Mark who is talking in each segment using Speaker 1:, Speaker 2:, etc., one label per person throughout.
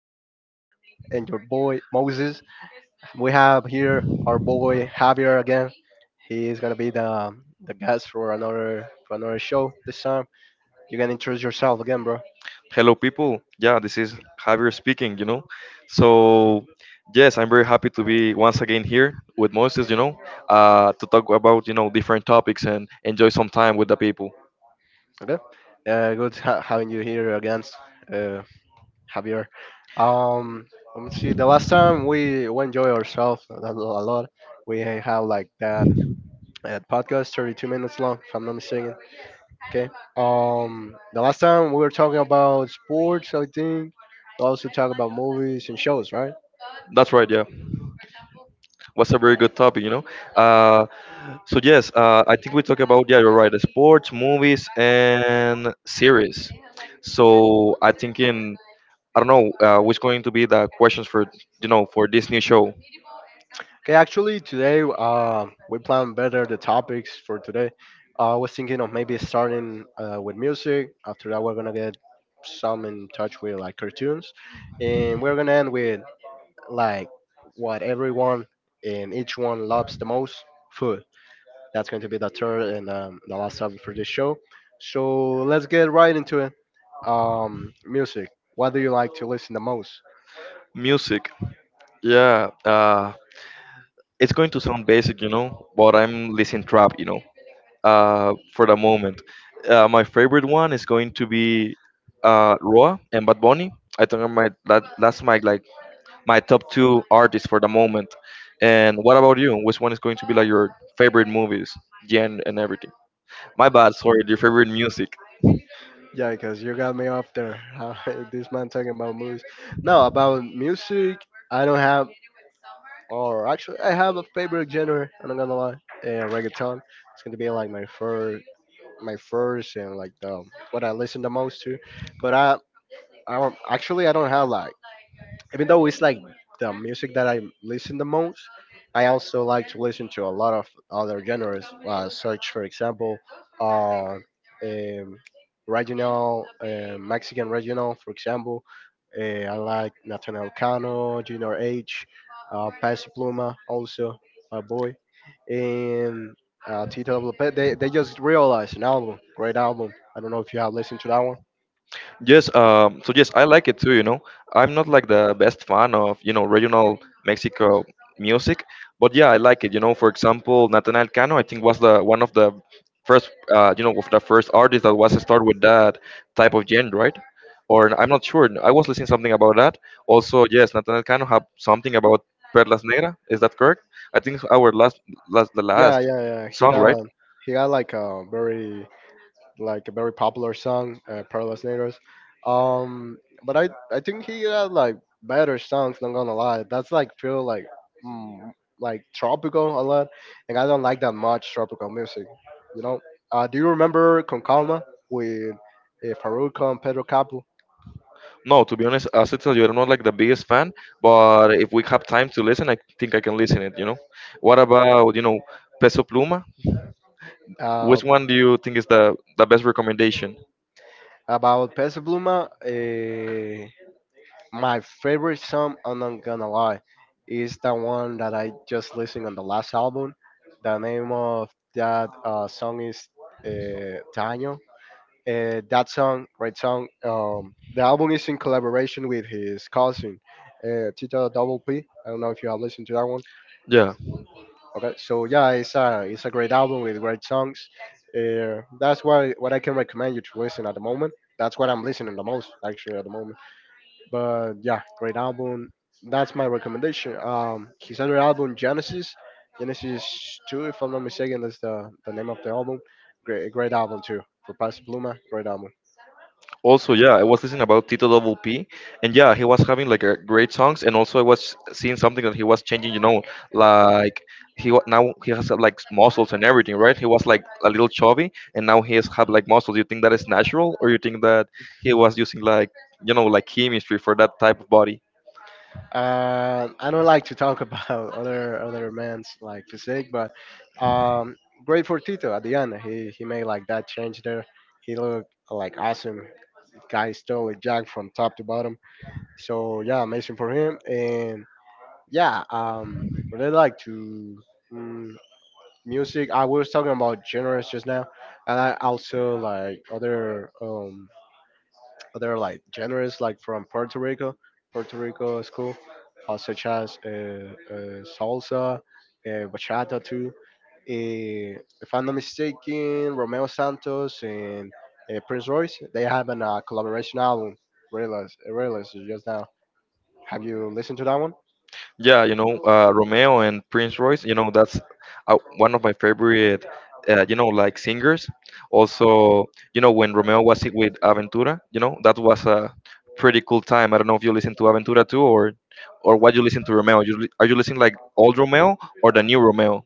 Speaker 1: Your host and your boy Moses. We have here our boy Javier again. He is gonna be the guest for another show this time. You can introduce yourself again, bro.
Speaker 2: Hello, people. Yeah, this is Javier speaking, So, yes, I'm very happy to be once again here with Moses, to talk about, different topics and enjoy some time with the people.
Speaker 1: Okay. Good having you here again, uh, Javier. Um, Let me see. The last time we enjoy ourselves a lot. We have like that podcast, 32 minutes long, if I'm not mistaken. Okay. The last time we were talking about sports, I think. We also talk about movies and shows, right?
Speaker 2: That's right, yeah. What's a very good topic, you know? Uh, so yes, I think we talk about yeah, you're right, the sports, movies, and series. So I think in I don't know what's going to be the questions for you know for this new show.
Speaker 1: Okay, actually, today we plan better the topics for today. I was thinking of maybe starting with music. After that, we're gonna get some in touch with like cartoons, and we're gonna end with like what everyone and each one loves the most: food. That's going to be the third and the last topic for this show. So let's get right into it. Music. What do you like to listen the most?
Speaker 2: Music, yeah. It's going to sound basic, you know, but I'm listening trap, you know, for the moment. My favorite one is going to be Roa and Bad Bunny. I think are that's my like my top two artists for the moment. And what about you? Which one is going to be like your favorite movies, gen and everything? My bad, sorry, your favorite music.
Speaker 1: Yeah, because you got me off there. This man talking about movies. No, about music. I don't have, or actually, I have a favorite genre. I'm not gonna lie. And reggaeton. It's gonna be like my first, and like the what I listen the most to. But I don't, actually I don't have like even though it's like the music that I listen the most, I also like to listen to a lot of other genres, such for example, uh, um, regional, Mexican regional, for example. I like Nathaniel Cano, Junior H, Peso Pluma, also my boy, and Tito Lopez. They just realized an album, great album. I don't know if you have listened to that.
Speaker 2: Yes, so yes, I like it too, you know. I'm not like the best fan of, you know, regional Mexico music, but yeah, I like it. You know, for example, Natanael Cano, I think was the one of the first, of the first artists that was to start with that type of genre, right? Or I'm not sure. I was listening something about that. Also, yes, Natanael Cano had something about Perlas Negra. Is that correct? I think it's our last, last, the
Speaker 1: Yeah,
Speaker 2: last
Speaker 1: yeah, yeah.
Speaker 2: song, right?
Speaker 1: He got like a very popular song, Pearless Neighbors. Um, but I think he got like better songs. Not gonna lie, that's like feel like mm, like tropical a lot, and I don't like that much tropical music. You know. Do you remember Concalma with Farruko and Pedro Capo?
Speaker 2: No, to be honest, as I tell you, I'm not like the biggest fan, but if we have time to listen, I think I can listen it, you know? What about, Peso Pluma?
Speaker 1: Uh,
Speaker 2: Which one do you think is the best recommendation?
Speaker 1: about Peso Pluma. My favorite song, I'm not gonna lie, is the one that I just listened on the last album. The name of that song is Daniel. That song, great song. The album is in collaboration with his cousin, Tito Double P. I don't know if you have listened to that one.
Speaker 2: Yeah.
Speaker 1: Okay, so yeah, it's a great album with great songs. That's why what I can recommend you to listen at the moment. That's what I'm listening the most actually at the moment. But yeah, great album. That's my recommendation. His other album Genesis, Genesis Two, if I'm not mistaken, that's the name of the album. Great, great album too for Pastor Bluma. Great album.
Speaker 2: Also, yeah, I was listening about Tito Double P, and yeah, he was having like a great songs, and also I was seeing something that he was changing. You know, like now he has like muscles and everything, right? He was like a little chubby, and now he has have like muscles. You think that is natural, or you think that he was using like chemistry for that type of body
Speaker 1: I don't like to talk about other men's like physique, but um, great for Tito at the end. He made like that change there. He looked like awesome guy stole it jacked from top to bottom. So yeah, amazing for him. And yeah, really like to mm, music. I was talking about genres just now, and I also like other like genres like from Puerto Rico, Puerto Rico is cool, such as salsa, bachata too. Eh, if I'm not mistaken, Romeo Santos and Prince Royce they have an collaboration album. Realize, realize just now. Have you listened to that one?
Speaker 2: yeah you know Romeo and Prince Royce you know that's one of my favorite singers also you know when Romeo was with Aventura you know that was a pretty cool time. I don't know if you listen to Aventura too, or what you listen to Romeo. Are you listening like old Romeo or the new Romeo?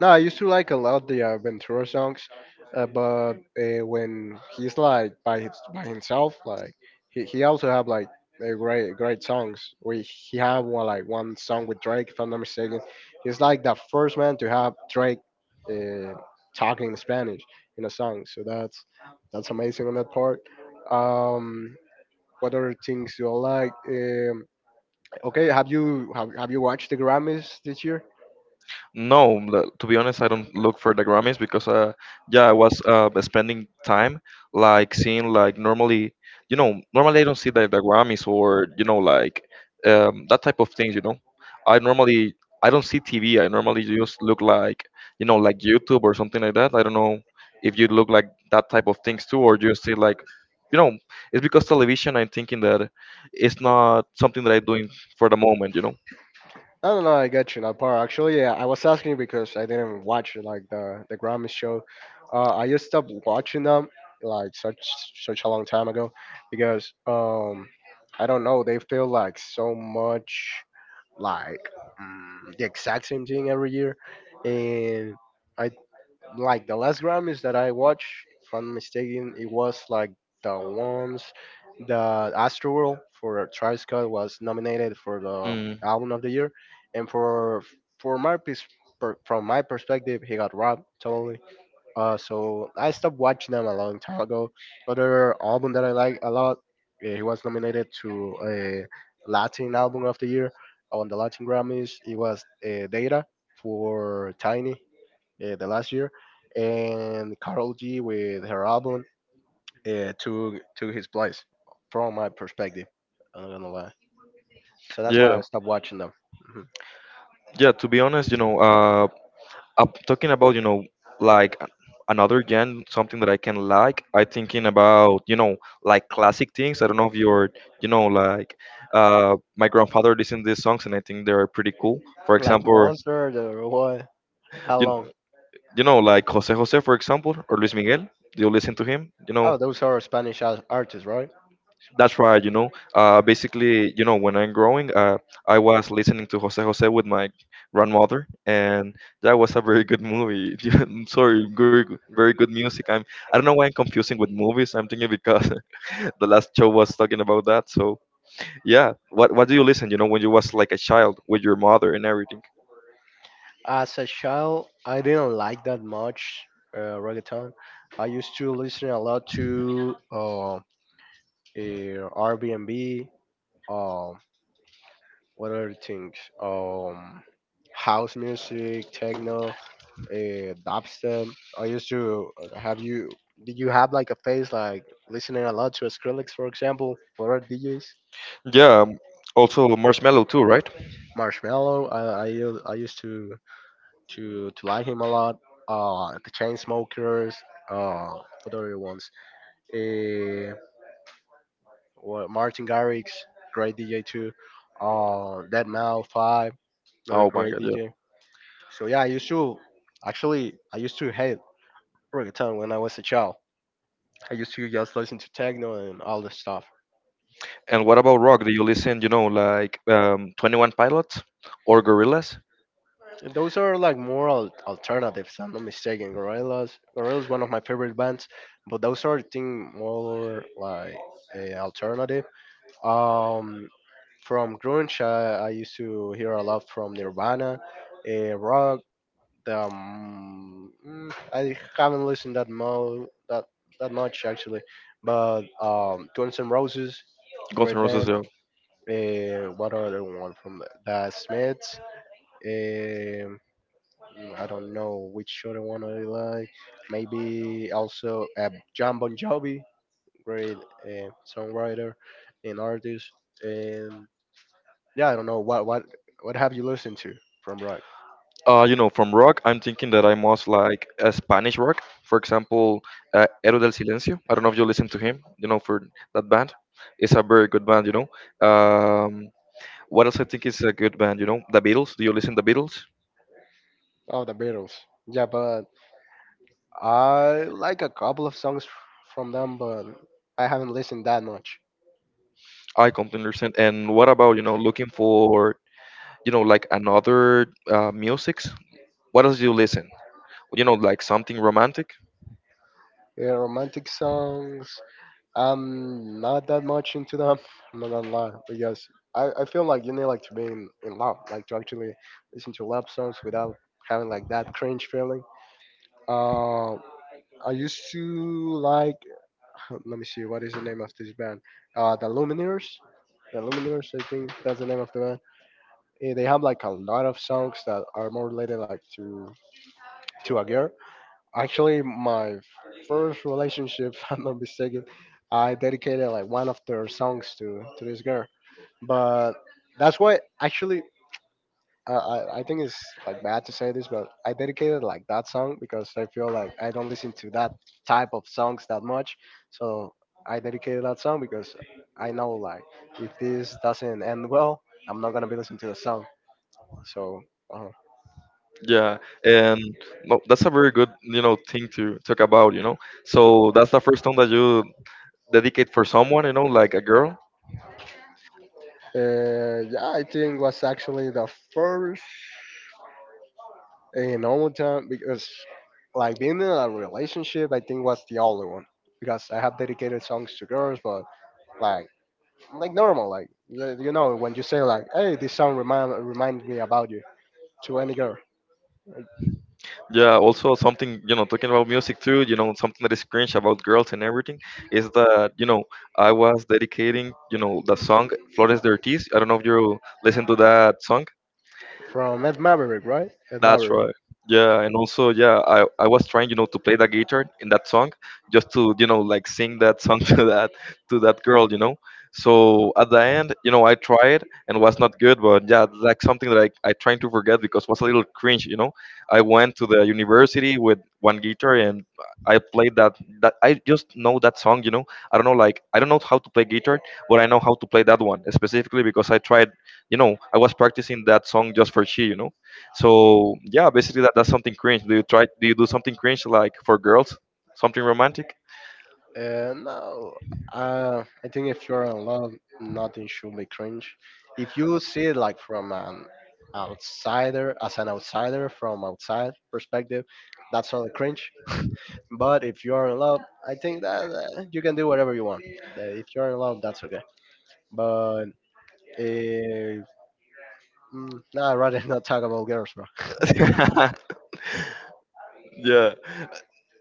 Speaker 1: No, I used to like a lot the Ventura songs, but when he's like by himself, like he also have like great great songs. We He have one song with Drake, if I'm not mistaken. He's like the first man to have Drake uh, talking in Spanish in a song. So that's amazing on that part. Um, what other things do I like? Okay, have you watched the Grammys this year?
Speaker 2: No, to be honest, I don't look for the Grammys because, yeah, I was spending time like seeing like normally, you know, normally I don't see the Grammys or you know like that type of things. You know, I normally I don't see TV. I normally just look like you know like YouTube or something like that. I don't know if you look like that type of things too, or you see like, you know, it's because television. I'm thinking that it's not something that I'm doing for the moment. You know.
Speaker 1: No, no, no. I get you, Napar. Actually, yeah, I was asking you because I didn't watch like the Grammy show. I just stopped watching them like such such a long time ago because I don't know. They feel like so much like the exact same thing every year, and I like the last Grammys that I watched, if I'm mistaken, it was like the ones the Astroworld for Travis Scott was nominated for the album of the year, and for my pers- per, from my perspective, he got robbed totally. So I stopped watching them a long time ago. Other album that I like a lot, he was nominated to a Latin album of the year on the Latin Grammys. It was Data for Tiny the last year, and Karol G with her album took took his place from my perspective. I'm not gonna lie. So that's why
Speaker 2: Yeah,
Speaker 1: I stopped watching them. Mhm.
Speaker 2: yeah. To be honest, you know, I'm talking about, you know, like a- another gen, something that I can like. I thinking about, you know, like classic things. I don't know if you're, you know, like my grandfather listened to these songs and I think they're pretty cool. For
Speaker 1: Like
Speaker 2: example,
Speaker 1: Monster the what? How
Speaker 2: you,
Speaker 1: long?
Speaker 2: you know, like Jose Jose, for example, or Luis Miguel. Do you listen to him? You know,
Speaker 1: Oh, those are Spanish ar- artists, right?
Speaker 2: that's right, you know. Basically, you know, when I'm growing, I was listening to Jose Jose with my grandmother, and that was a very good movie. Yeah, I'm Sorry, very good music. I don't know why I'm confusing with movies. I'm thinking because the last show was talking about that. So yeah, what do you listen? You know, when you was like a child with your mother and everything.
Speaker 1: As a child, I didn't like that much reggaeton. I used to listen a lot to Airbnb, um, what other things? House music, techno, dubstep. I used to have you. Did you have like a phase like listening a lot to Skrillex, for example, or other DJs?
Speaker 2: Yeah, also Marshmello too, right?
Speaker 1: Marshmallow. I used to to like him a lot. The Chainsmokers, what other ones? Uh, Martin Garrix, great DJ too. Deadmau Five, another
Speaker 2: Oh my
Speaker 1: great
Speaker 2: God, yeah.
Speaker 1: DJ. So yeah, I used to actually I used to hate reggaeton when I was a child. I used to just listen to techno and all this stuff.
Speaker 2: And what about rock? Do you listen? You know, like 21 Pilots or Gorillaz?
Speaker 1: And those are like more al- alternatives. I'm not mistaken. Gorillaz, Gorillaz, one of my favorite bands, but those are thing more like a alternative. Um, From grunge, I used to hear a lot from Nirvana, rock. I haven't listened that mo that that much actually, but Guns N' Roses,
Speaker 2: Guns N'
Speaker 1: great
Speaker 2: Roses.
Speaker 1: band. What other one from the Smiths? Um, I don't know which other one I like. Maybe also John Bon Jovi, great songwriter and artist. And. Yeah, I don't know what have you listened to from rock?
Speaker 2: You know, from rock, I'm thinking that I must like a Spanish rock. For example, Héroe del Silencio. I don't know if you listen to him. You know, for that band, it's a very good band. You know. Um, what else I think is a good band? You know, The Beatles. Do you listen to The Beatles?
Speaker 1: Oh, the Beatles. Yeah, but I like a couple of songs from them, but I haven't listened that much.
Speaker 2: I completely understand. And what about you know looking for you know like another musics? What else do you listen? You know, like something romantic.
Speaker 1: Yeah, romantic songs. I'm not that much into them. I'm not gonna lie, because I feel like you need like to be in love, like to actually listen to love songs without having like that cringe feeling. Uh, I used to like let me see what is the name of this band the Lumineers, the Lumineers, I think that's the name of the band. Eh, they have like a lot of songs that are more related like to a girl, actually my first relationship if I'm not mistaken, I dedicated like one of their songs to this girl, but that's why actually, I think it's like bad to say this, but I dedicated like that song because I feel like I don't listen to that type of songs that much. So I dedicated that song because I know like if this doesn't end well, I'm not gonna be listening to the song. So uh,
Speaker 2: Yeah, and no, that's a very good you know thing to talk about. You know, so that's the first song that you dedicate for someone, you know, like a girl.
Speaker 1: yeah, I think was actually the first in normal time because like being in a relationship, I think was the only one because I have dedicated songs to girls, but like. Like normal, like you know when you say like, hey, this song reminds me about you to any girl.
Speaker 2: Yeah, also something, you know, talking about music too, you know, something that is cringe about girls and everything is that, you know, I was dedicating, you know, the song Flores de Ortiz. I don't know if you listen to that song.
Speaker 1: From Ed Maverick, right? Ed
Speaker 2: That's
Speaker 1: Maverick.
Speaker 2: right. Yeah, and also, yeah, I was trying, you know, to play the guitar in that song, just to, you know, like sing that song to that girl, you know. So at the end, you know, I tried and was not good, but yeah, like something that I trying to forget because was a little cringe, you know. I went to the university with one guitar and I played that I just know that song, you know. I don't know, like I don't know how to play guitar, but I know how to play that one specifically because I tried, you know, I was practicing that song just for she, you know so yeah, basically that's something cringe. Do you try? Do you do something cringe like for girls? Something romantic?
Speaker 1: No, I think if you're in love, nothing should be cringe. If you see it like from an outsider, as an outsider from outside perspective, that's all cringe. But if you're in love, I think that you can do whatever you want. If you're in love, that's okay. But if no, I'd rather not talk about girls, bro.
Speaker 2: yeah,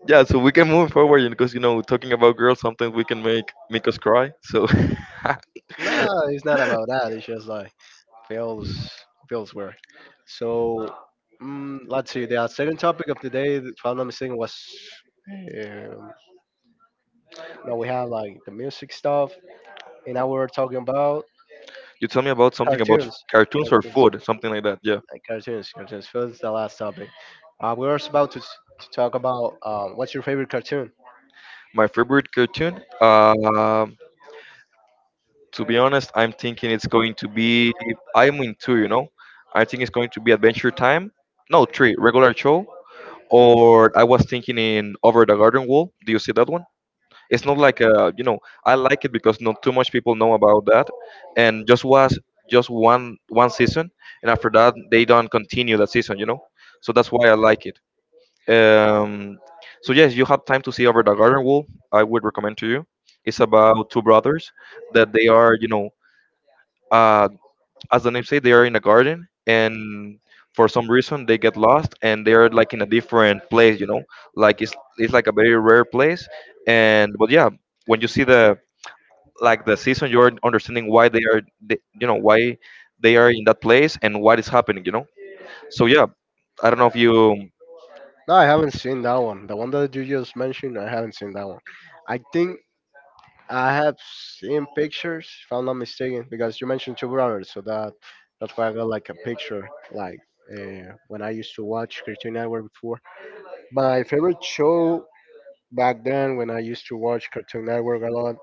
Speaker 2: yeah. So we can move forward you know, because you know talking about girls sometimes we can make us cry. So
Speaker 1: No, it's not about that. It's just like feels feels weird. So let's see. The second topic of the day, if I'm not mistaken, was um, now we have like the music stuff, and now we're talking about
Speaker 2: you tell me about something about
Speaker 1: cartoons,
Speaker 2: cartoons or
Speaker 1: cartoons,
Speaker 2: food, something like that. Yeah,
Speaker 1: like cartoons, cartoons. So that's the last topic. We were about to talk about what's your favorite cartoon.
Speaker 2: my favorite cartoon. To be honest, I'm thinking it's going to be. I'm in two. You know, I think it's going to be Adventure Time. No, three regular show. Or I was thinking in Over the Garden Wall. Do you see that one? It's not like a, you know, I like it because not too much people know about that, and just was just one season, and after that they don't continue that season, you know. So that's why I like it. Um, so yes, you have time to see Over the Garden Wall. I would recommend to you. It's about two brothers that they are, you know, uh, as the name say, they are in a garden, and for some reason they get lost, and they are like in a different place. You know, like it's like a very rare place. And but yeah, when you see the like the season, you're understanding why you know, why they are in that place and what is happening. You know, so yeah, I don't know if you.
Speaker 1: No, I haven't seen that one. The one that you just mentioned, I haven't seen that one. I think I have seen pictures, if I'm not mistaken, because you mentioned Two Brothers, so that's why I got like a picture, like when I used to watch Cartoon Network before. My favorite show back then, when I used to watch Cartoon Network a lot,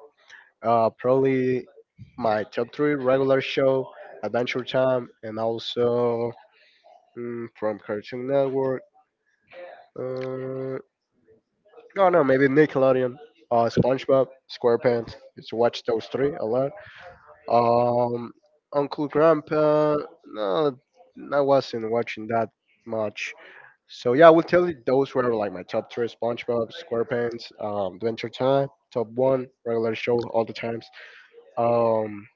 Speaker 1: probably my top three regular show, Adventure Time, and also from Cartoon Network. Uh, no, maybe Nickelodeon, SpongeBob, SquarePants. Used to watch those three a lot. Um, Uncle Grandpa, no, I wasn't watching that much. So yeah, I will tell you those were like my top three: SpongeBob SquarePants, Adventure Time, top one, regular show, all the times. Um,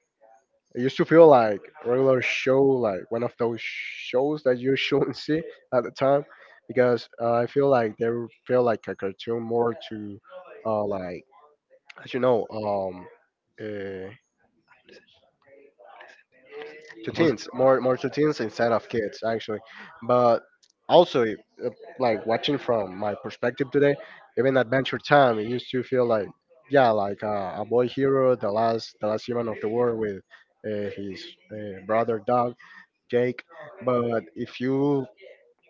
Speaker 1: I used to feel like regular show, like one of those shows that you shouldn't see at the time, because I feel like they feel like a cartoon more to, like as you know, uh. to teens, more to teens instead of kids actually. But also, if, like watching from my perspective today, even Adventure Time, it used to feel like yeah, like a boy hero, the last human of the world with his brother dog Jake. But if you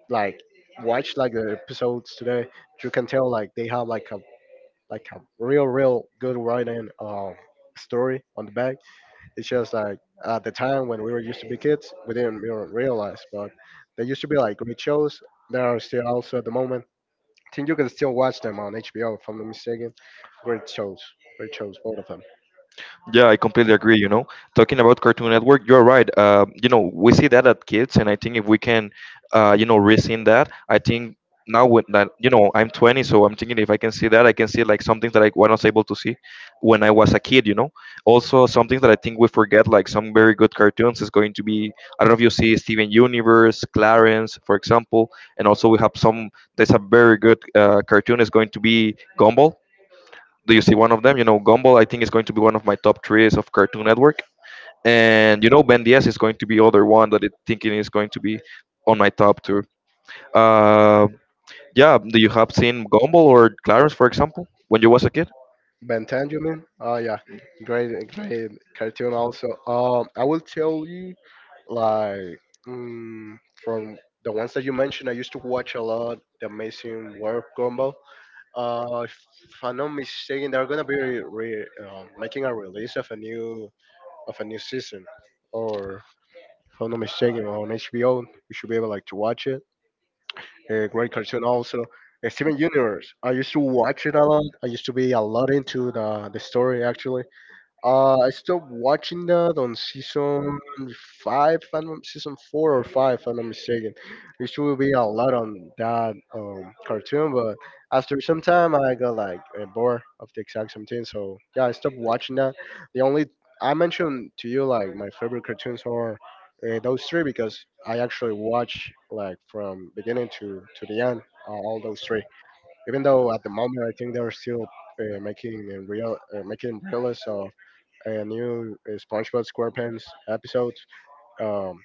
Speaker 1: like watch like the episodes today, you can tell like they have like a real good writing story on the back. It's just like at the time when we were used to be kids, we didn't even realize. But there used to be like great shows. There are still also at the moment. I think you can still watch them on HBO if I'm not mistaken. Great shows, great shows, both of them.
Speaker 2: Yeah, I completely agree. You know, talking about Cartoon Network, you're right. You know, we see that at kids, and I think if we can, you know, rescind that, I think now with that, you know, I'm 20, so I'm thinking if I can see that, I can see like some things that I was not able to see when I was a kid. You know, also some things that I think we forget, like some very good cartoons, is going to be. I don't know if you see Steven Universe, Clarence, for example, and also we have some. There's a very good cartoon is going to be Gumball. Do you see one of them? You know, Gumball, I think, is going to be one of my top threes of Cartoon Network. And, you know, Ben Ds is going to be other one that I think it is going to be on my top two. Uh, yeah, do you have seen Gumball or Clarence, for example, when you was a kid?
Speaker 1: Ben 10, you mean? Oh yeah, great, great cartoon also. I will tell you, like, mm, from the ones that you mentioned, I used to watch a lot. The Amazing World Gumball. If I'm not mistaken, they're gonna be making a release of a new season, or if I'm not mistaken, on HBO. You should be able like to watch it. A great cartoon also. Steven Universe. I used to watch it a lot. I used to be a lot into the story actually. I stopped watching that on season five, if I'm not- season four or five, if I'm not mistaken. Which will be a lot on that cartoon, but after some time, I got like bored of the exact same thing. So yeah, I stopped watching that. The only I mentioned to you like my favorite cartoons are those three because I actually watch like from beginning to the end all those three. Even though at the moment I think they're still making realists of a new SpongeBob SquarePants episode. Um,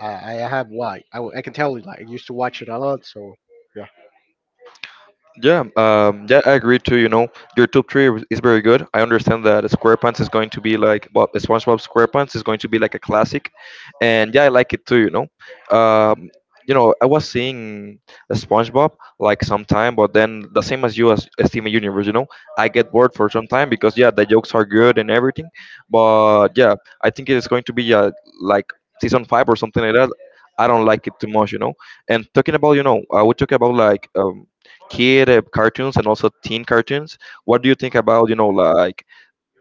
Speaker 1: I have like I can tell you like I used to watch it a lot. So yeah,
Speaker 2: Yeah, yeah, I agree too. You know, your top three is very good. I understand that SquarePants is going to be like Bob, SpongeBob SquarePants is going to be like a classic, and yeah, I like it too. You know, I was seeing SpongeBob like some time, but then the same as you as Steven Universe. You know, I get bored for some time because yeah, the jokes are good and everything, but yeah, I think it's going to be like season five or something like that. I don't like it too much, And talking about, I would talk about like kid cartoons and also teen cartoons, what do you think about, you know, like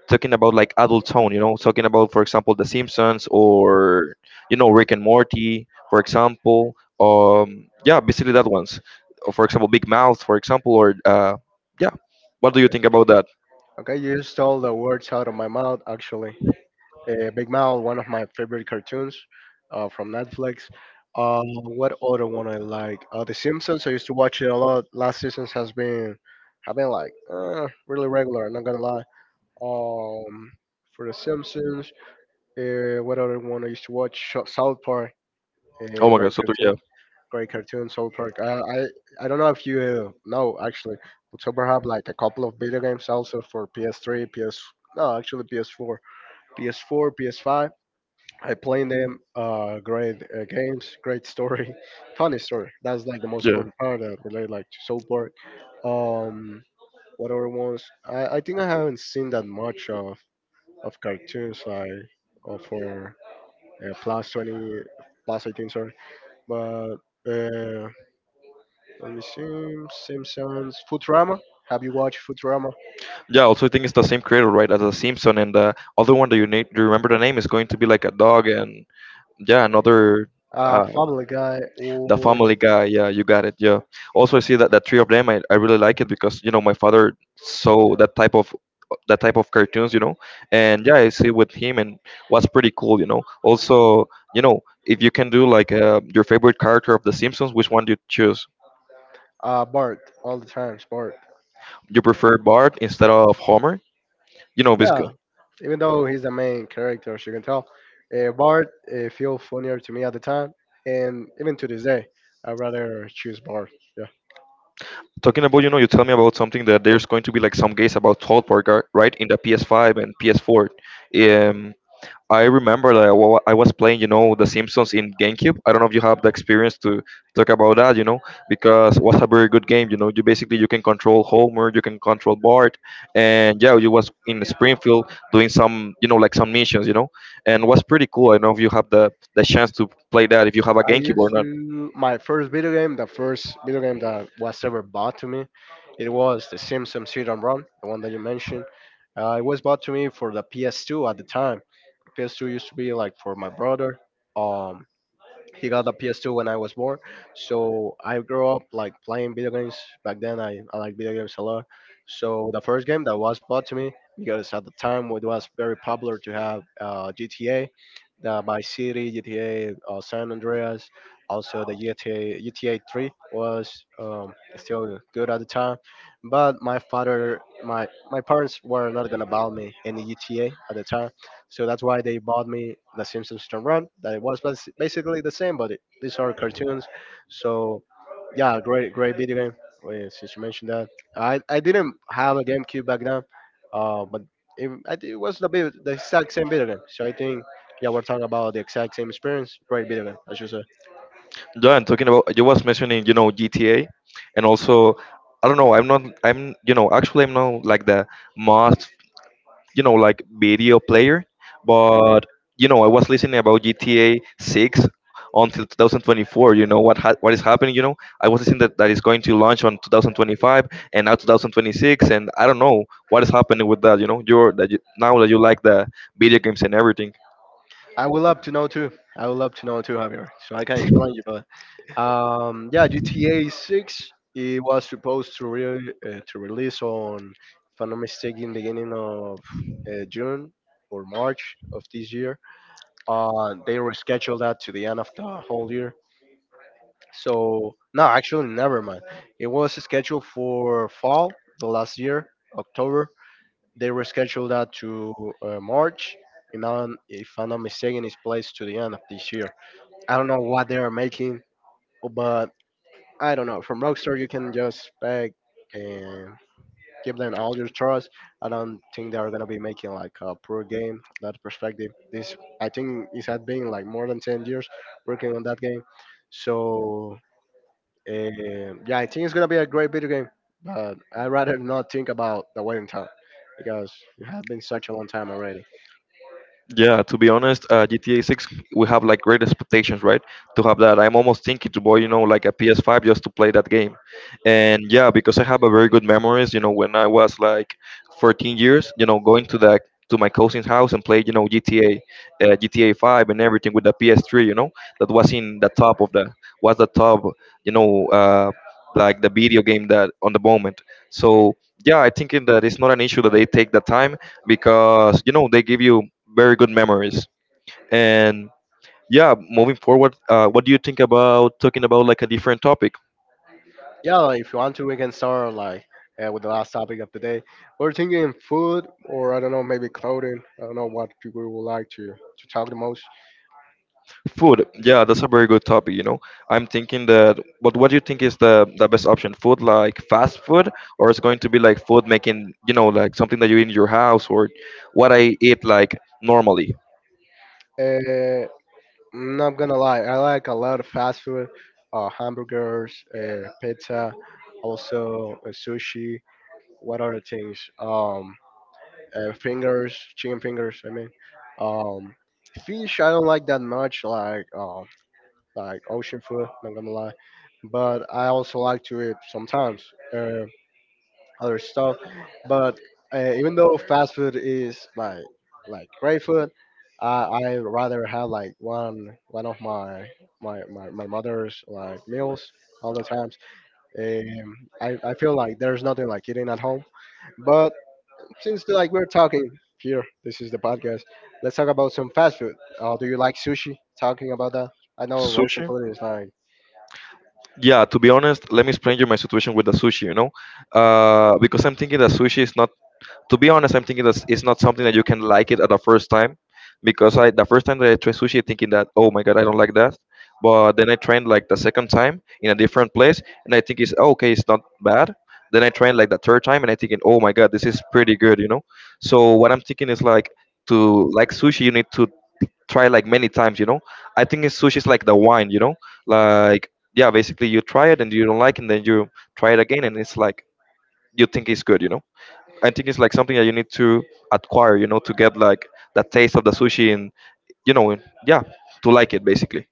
Speaker 2: talking about like adult tone, you know, talking about, for example, the Simpsons, or you know, Rick and Morty, for example? Yeah, basically that ones. Or, for example, Big Mouth, for example, or yeah, what do you
Speaker 1: okay,
Speaker 2: think about that?
Speaker 1: okay. You just stole the words out of my mouth. Actually, Big Mouth, one of my favorite cartoons from Netflix. What other one I like? The Simpsons. I used to watch it a lot. Last seasons has been Have been like really regular. I'm not gonna lie. Um, for The Simpsons, what other one I used to watch? South Park. A
Speaker 2: Oh my God,
Speaker 1: great
Speaker 2: yeah.
Speaker 1: cartoon, great cartoon, South Park. I don't know if you know actually, but South Park have like a couple of video games also for PS3, PS no actually PS4, PS4, PS5. I played them. Great games, great story, funny story. That's like the most
Speaker 2: Yeah.
Speaker 1: important part that relate like to South Park. Um, what other ones? I think I haven't seen that much of cartoons like for plus 20 plus 18, sorry, but. Uh, Let me see. Simpsons, Futurama. Have you watched Futurama?
Speaker 2: Yeah, also I think it's the same creator, right, as the Simpson, and the other one that you name, you remember the name is going to be like a dog, and yeah, another uh,
Speaker 1: Family Guy
Speaker 2: the
Speaker 1: or
Speaker 2: Family Guy. Yeah, you got it. Yeah. Also, I see that the three of them, I really like it because you know my father saw that type of cartoons, you know, and yeah, I see with him, and what's pretty cool, you know. Also, you know, if you can do like your favorite character of the Simpsons, which one do you choose?
Speaker 1: Bart. All the times, Bart.
Speaker 2: You prefer Bart instead of Homer? You know, because
Speaker 1: Yeah, even though he's the main character, as you can tell, Bart feel funnier to me at the time, and even to this day, I rather choose Bart. Yeah.
Speaker 2: talking about, you know, you tell me about something that there's going to be like some games about South Park, right? In the PS5 and PS4. Um, I remember that I was playing, you know, the Simpsons in GameCube. I don't know if you have the experience to talk about that, you know, because it was a very good game. You know, you basically you can control Homer, you can control Bart, and yeah, you was in Springfield doing some, you know, like some missions, you know, and was pretty cool. I don't know if you have the chance to play that if you have a
Speaker 1: I
Speaker 2: GameCube
Speaker 1: used
Speaker 2: or not.
Speaker 1: to my first video game, the first video game that was ever bought to me, it was The Simpsons Hit and Run, the one that you mentioned. It was bought to me for the PS2 at the time. The PS2 used to be like for my brother. Um, he got a PS2 when I was born, so I grew up like playing video games. Back then, I like video games a lot. So the first game that was bought to me because at the time it was very popular to have GTA, the My City, GTA San Andreas, also the GTA 3 was still good at the time. But my father, my parents were not gonna buy me any GTA at the time, so that's why they bought me The Simpsons Don't Run. That it was basically the same, but it, these are cartoons. So yeah, great video game. Wait, since you mentioned that, I didn't have a GameCube back then, but it was the bit, the exact same video game. So I think yeah, we're talking about the exact same experience. Great video game, I should say.
Speaker 2: Yeah, and talking about you was mentioning, you know, GTA, and also I don't know, I'm not, I'm, you know, actually I'm not like the most, you know, like video player, but you know, I was listening about GTA 6 until 2024. You know what is happening? You know, I was listening that that is going to launch on 2025 and now 2026, and I don't know what is happening with that. You know, now that you like the video games and everything.
Speaker 1: I would love to know too. I would love to know too, Javier. So I can explain you, but yeah, GTA Six. It was supposed to to release on, if I'm not mistaken, beginning of June or March of this year. They rescheduled that to the end of the whole year. So no, actually, never mind. It was scheduled for fall the last year, October. They rescheduled that to March. And now, if I'm not mistaken, it's placed to the end of this year. I don't know what they are making, but I don't know. From Rockstar, you can just expect and give them all your trust. I don't think they are gonna be making like a poor game. That perspective, this I think it had been like more than 10 years working on that game. So yeah, I think it's gonna be a great video game, but I rather not think about the waiting time because it has been such a long time already.
Speaker 2: Yeah, to be honest, GTA 6, we have like great expectations, right? To have that. I'm almost thinking to buy, you know, like a PS5 just to play that game. And yeah, because I have a very good memories, you know, when I was like 14 years, you know, going to the to my cousin's house and play, you know, GTA, GTA 5 and everything with the PS3, you know, that was in the top of the was the top, you know, like the video game that on the moment. So yeah, I thinking that it's not an issue that they take the time because you know they give you very good memories. And yeah, moving forward, what do you think about talking about like a different topic?
Speaker 1: Yeah, like, if you want to, we can start like with the last topic of the day. We're thinking food, or I don't know, maybe clothing. I don't know what you would like to talk the most.
Speaker 2: Food. Yeah, that's a very good topic. You know, I'm thinking that. But what do you think is the best option? Food like fast food, or it's going to be like food making? You know, like something that you eat in your house, or what I eat like normally.
Speaker 1: Uh, I'm not gonna lie, I like a lot of fast food, hamburgers, pizza, also sushi. What other things? Fingers, chicken fingers. I mean, um, fish. I don't like that much. Like ocean food. Not gonna lie, but I also like to eat sometimes uh, other stuff. But even though fast food is my like great food, I rather have like one of my my mother's like meals all the times. I feel like there's nothing like eating at home. But since like we're talking here, this is the podcast. Let's talk about some fast food. Do you like sushi? Talking about that, I know ocean
Speaker 2: Sushi.
Speaker 1: food is like
Speaker 2: Yeah, to be honest, let me explain you my situation with the sushi, you know? Because I'm thinking that sushi is not, to be honest, I'm thinking that it's not something that you can like it at the first time. Because I, the first time that I tried sushi, thinking that, oh my God, I don't like that. But then I trained like the second time in a different place, and I think it's, "Oh, okay, it's not bad." Then I trained like the third time, and I thinking, oh my God, this is pretty good, you know? So what I'm thinking is like, to like sushi, you need to try like many times, you know. I think it's sushi is like the wine, you know, like yeah, basically you try it and you don't like it, and then you try it again and it's like you think it's good, you know. I think it's like something that you need to acquire, you know, to get like the taste of the sushi, and yeah, to like it basically.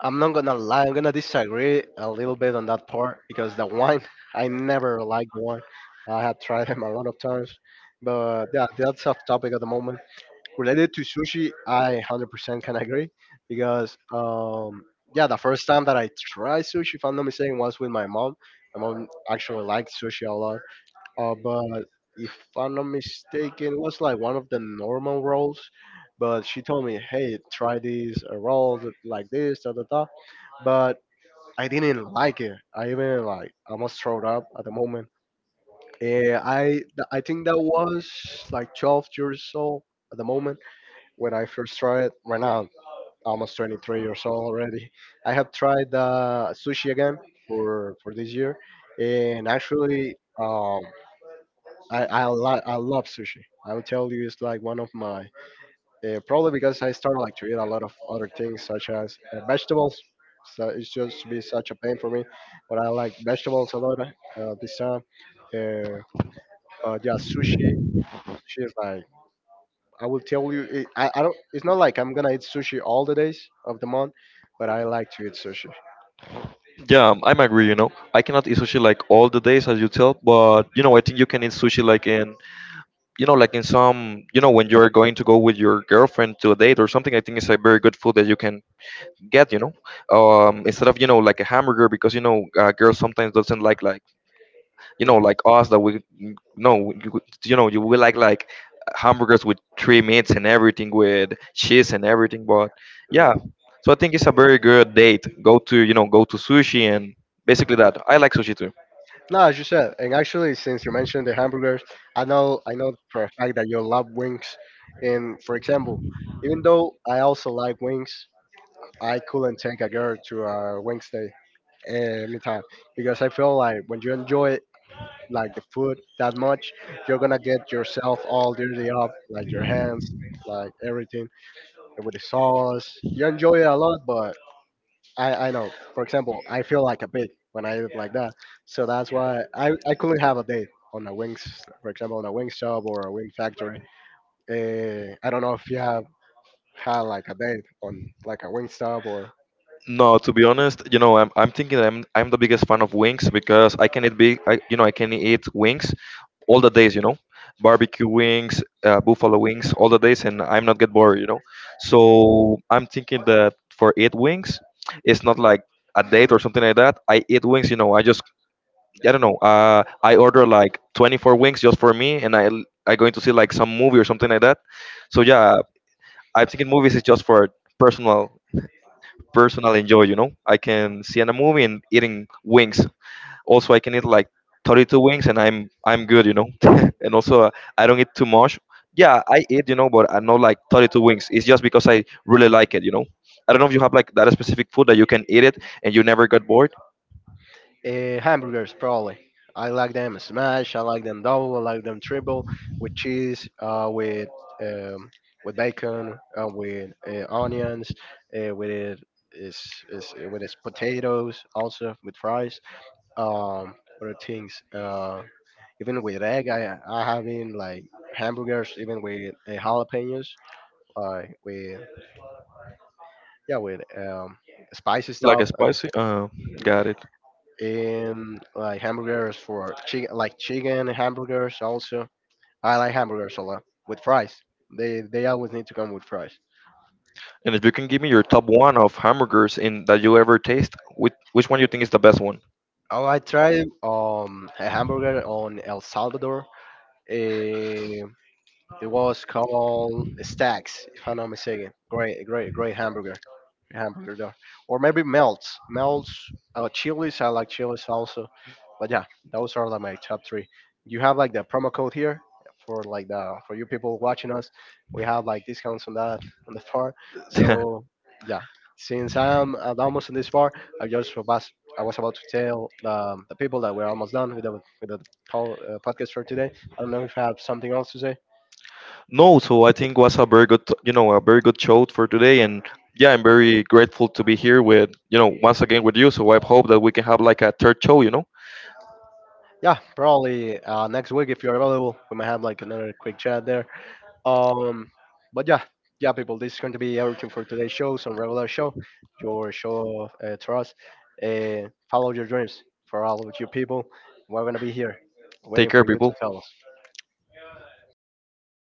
Speaker 1: I'm not gonna lie, I'm gonna disagree a little bit on that part because the wine, I never liked wine. I have tried them a lot of times, but yeah, that's off topic at the moment. Related to sushi, I 100% can agree because, yeah, the first time that I tried sushi, if I'm not mistaken, was with my mom. My mom actually liked sushi a lot, but if I'm not mistaken, it was like one of the normal rolls. But she told me, hey, try these rolls like this, da da da, but I didn't like it. I even like almost throw up at the moment. And I think that was like 12 years old at the moment when I first tried. Right now, I'm almost 23 years old already. I have tried sushi again for this year, and actually, um, I love sushi. I will tell you, it's like one of my probably because I started like to eat a lot of other things such as vegetables. So it's just to be such a pain for me, but I like vegetables a lot this time. Uh, but yeah, sushi. Sushi is like I will tell you. It, I don't. It's not like I'm gonna eat sushi all the days of the month, but I like to eat sushi.
Speaker 2: Yeah, I'm agree, you know. I cannot eat sushi like all the days as you tell, but you know I think you can eat sushi like in, you know, like in some, you know, when you're going to go with your girlfriend to a date or something, I think it's a very good food that you can get, you know. Instead of, you know, like a hamburger, because you know, girls sometimes doesn't like, you know,
Speaker 1: Hmm.
Speaker 2: like us that we, no you, would- you know, you will like hamburgers with three meats and everything with cheese and everything, but yeah.
Speaker 1: Hmm.
Speaker 2: So I think it's a very good date go to, you know, go to sushi, and basically that I like sushi too.
Speaker 1: No, as you said, and actually, since you mentioned the hamburgers, I know for a fact that you love wings. And for example, even though I also like wings, I couldn't take a girl to a Wednesday anytime because I feel like when you enjoy like the food that much, you're gonna get yourself all dirty up, like your hands, like everything with the sauce. You enjoy it a lot, but I know. For example, I feel like a pig when I eat like that, so that's why I couldn't have a date on a wings, for example, on a wing shop or a wing factory. I don't know if you have had like a date on like a wing stop or
Speaker 2: No, to be honest, you know, I'm thinking that I'm the biggest fan of wings because I can eat big, I, you know, I can eat wings all the days, you know, barbecue wings, buffalo wings, all the days, and I'm not get bored, you know. So I'm thinking that for eat wings, it's not like a date or something like that. I eat wings, you know. I don't know. I order like 24 wings just for me, and I going to see like some movie or something like that. So yeah, I'm thinking movies is just for personal personally enjoy. You know, I can see in a movie and eating wings. Also, I can eat like 32 wings and I'm good. You know, and also I don't eat too much. Yeah, I eat. You know, but I know like 32 wings. It's just because I really like it. You know, I don't know if you have like that specific food that you can eat it and you never get bored.
Speaker 1: Hamburgers, probably. I like them smash. I like them double. I like them triple with cheese, um, with bacon, with onions, with it is is with its potatoes also with fries. Um, Other things. Even with egg, I having like hamburgers, even with jalapenos, like with yeah with spicy
Speaker 2: Like a
Speaker 1: stuff,
Speaker 2: spicy. Got it.
Speaker 1: and like hamburgers for chicken, like chicken hamburgers also. I like hamburgers a lot with fries. They always need to come with fries.
Speaker 2: And if you can give me your top one of hamburgers in that you ever taste, which one you think is the best one?
Speaker 1: Oh, I tried a hamburger on El Salvador. eh, It was called Stacks, if I'm not mistaken. Great hamburger, hamburger there. Or maybe Melts, Melts. Chili's, I like Chili's also. But yeah, those are like my top three. You have like the promo code here for like the for you people watching us. We have like discounts on that on the bar. So yeah, since I'm almost in this bar, I just was I was about to tell the people that we're almost done with the podcast for today. I don't know if you have something else to say.
Speaker 2: No, so I think was a very good, you know, a very good show for today, and yeah, I'm very grateful to be here with, you know, once again with you. So I hope that we can have like a third show, you know.
Speaker 1: Yeah, probably next week if you're available, we might have like another quick chat there. Um, but yeah, yeah, people, this is going to be everything for today's show. Some regular show, your show of trust. Follow your dreams for all of you people. We're gonna be here, waiting
Speaker 2: Take care,
Speaker 1: for you to
Speaker 2: people.
Speaker 1: tell us.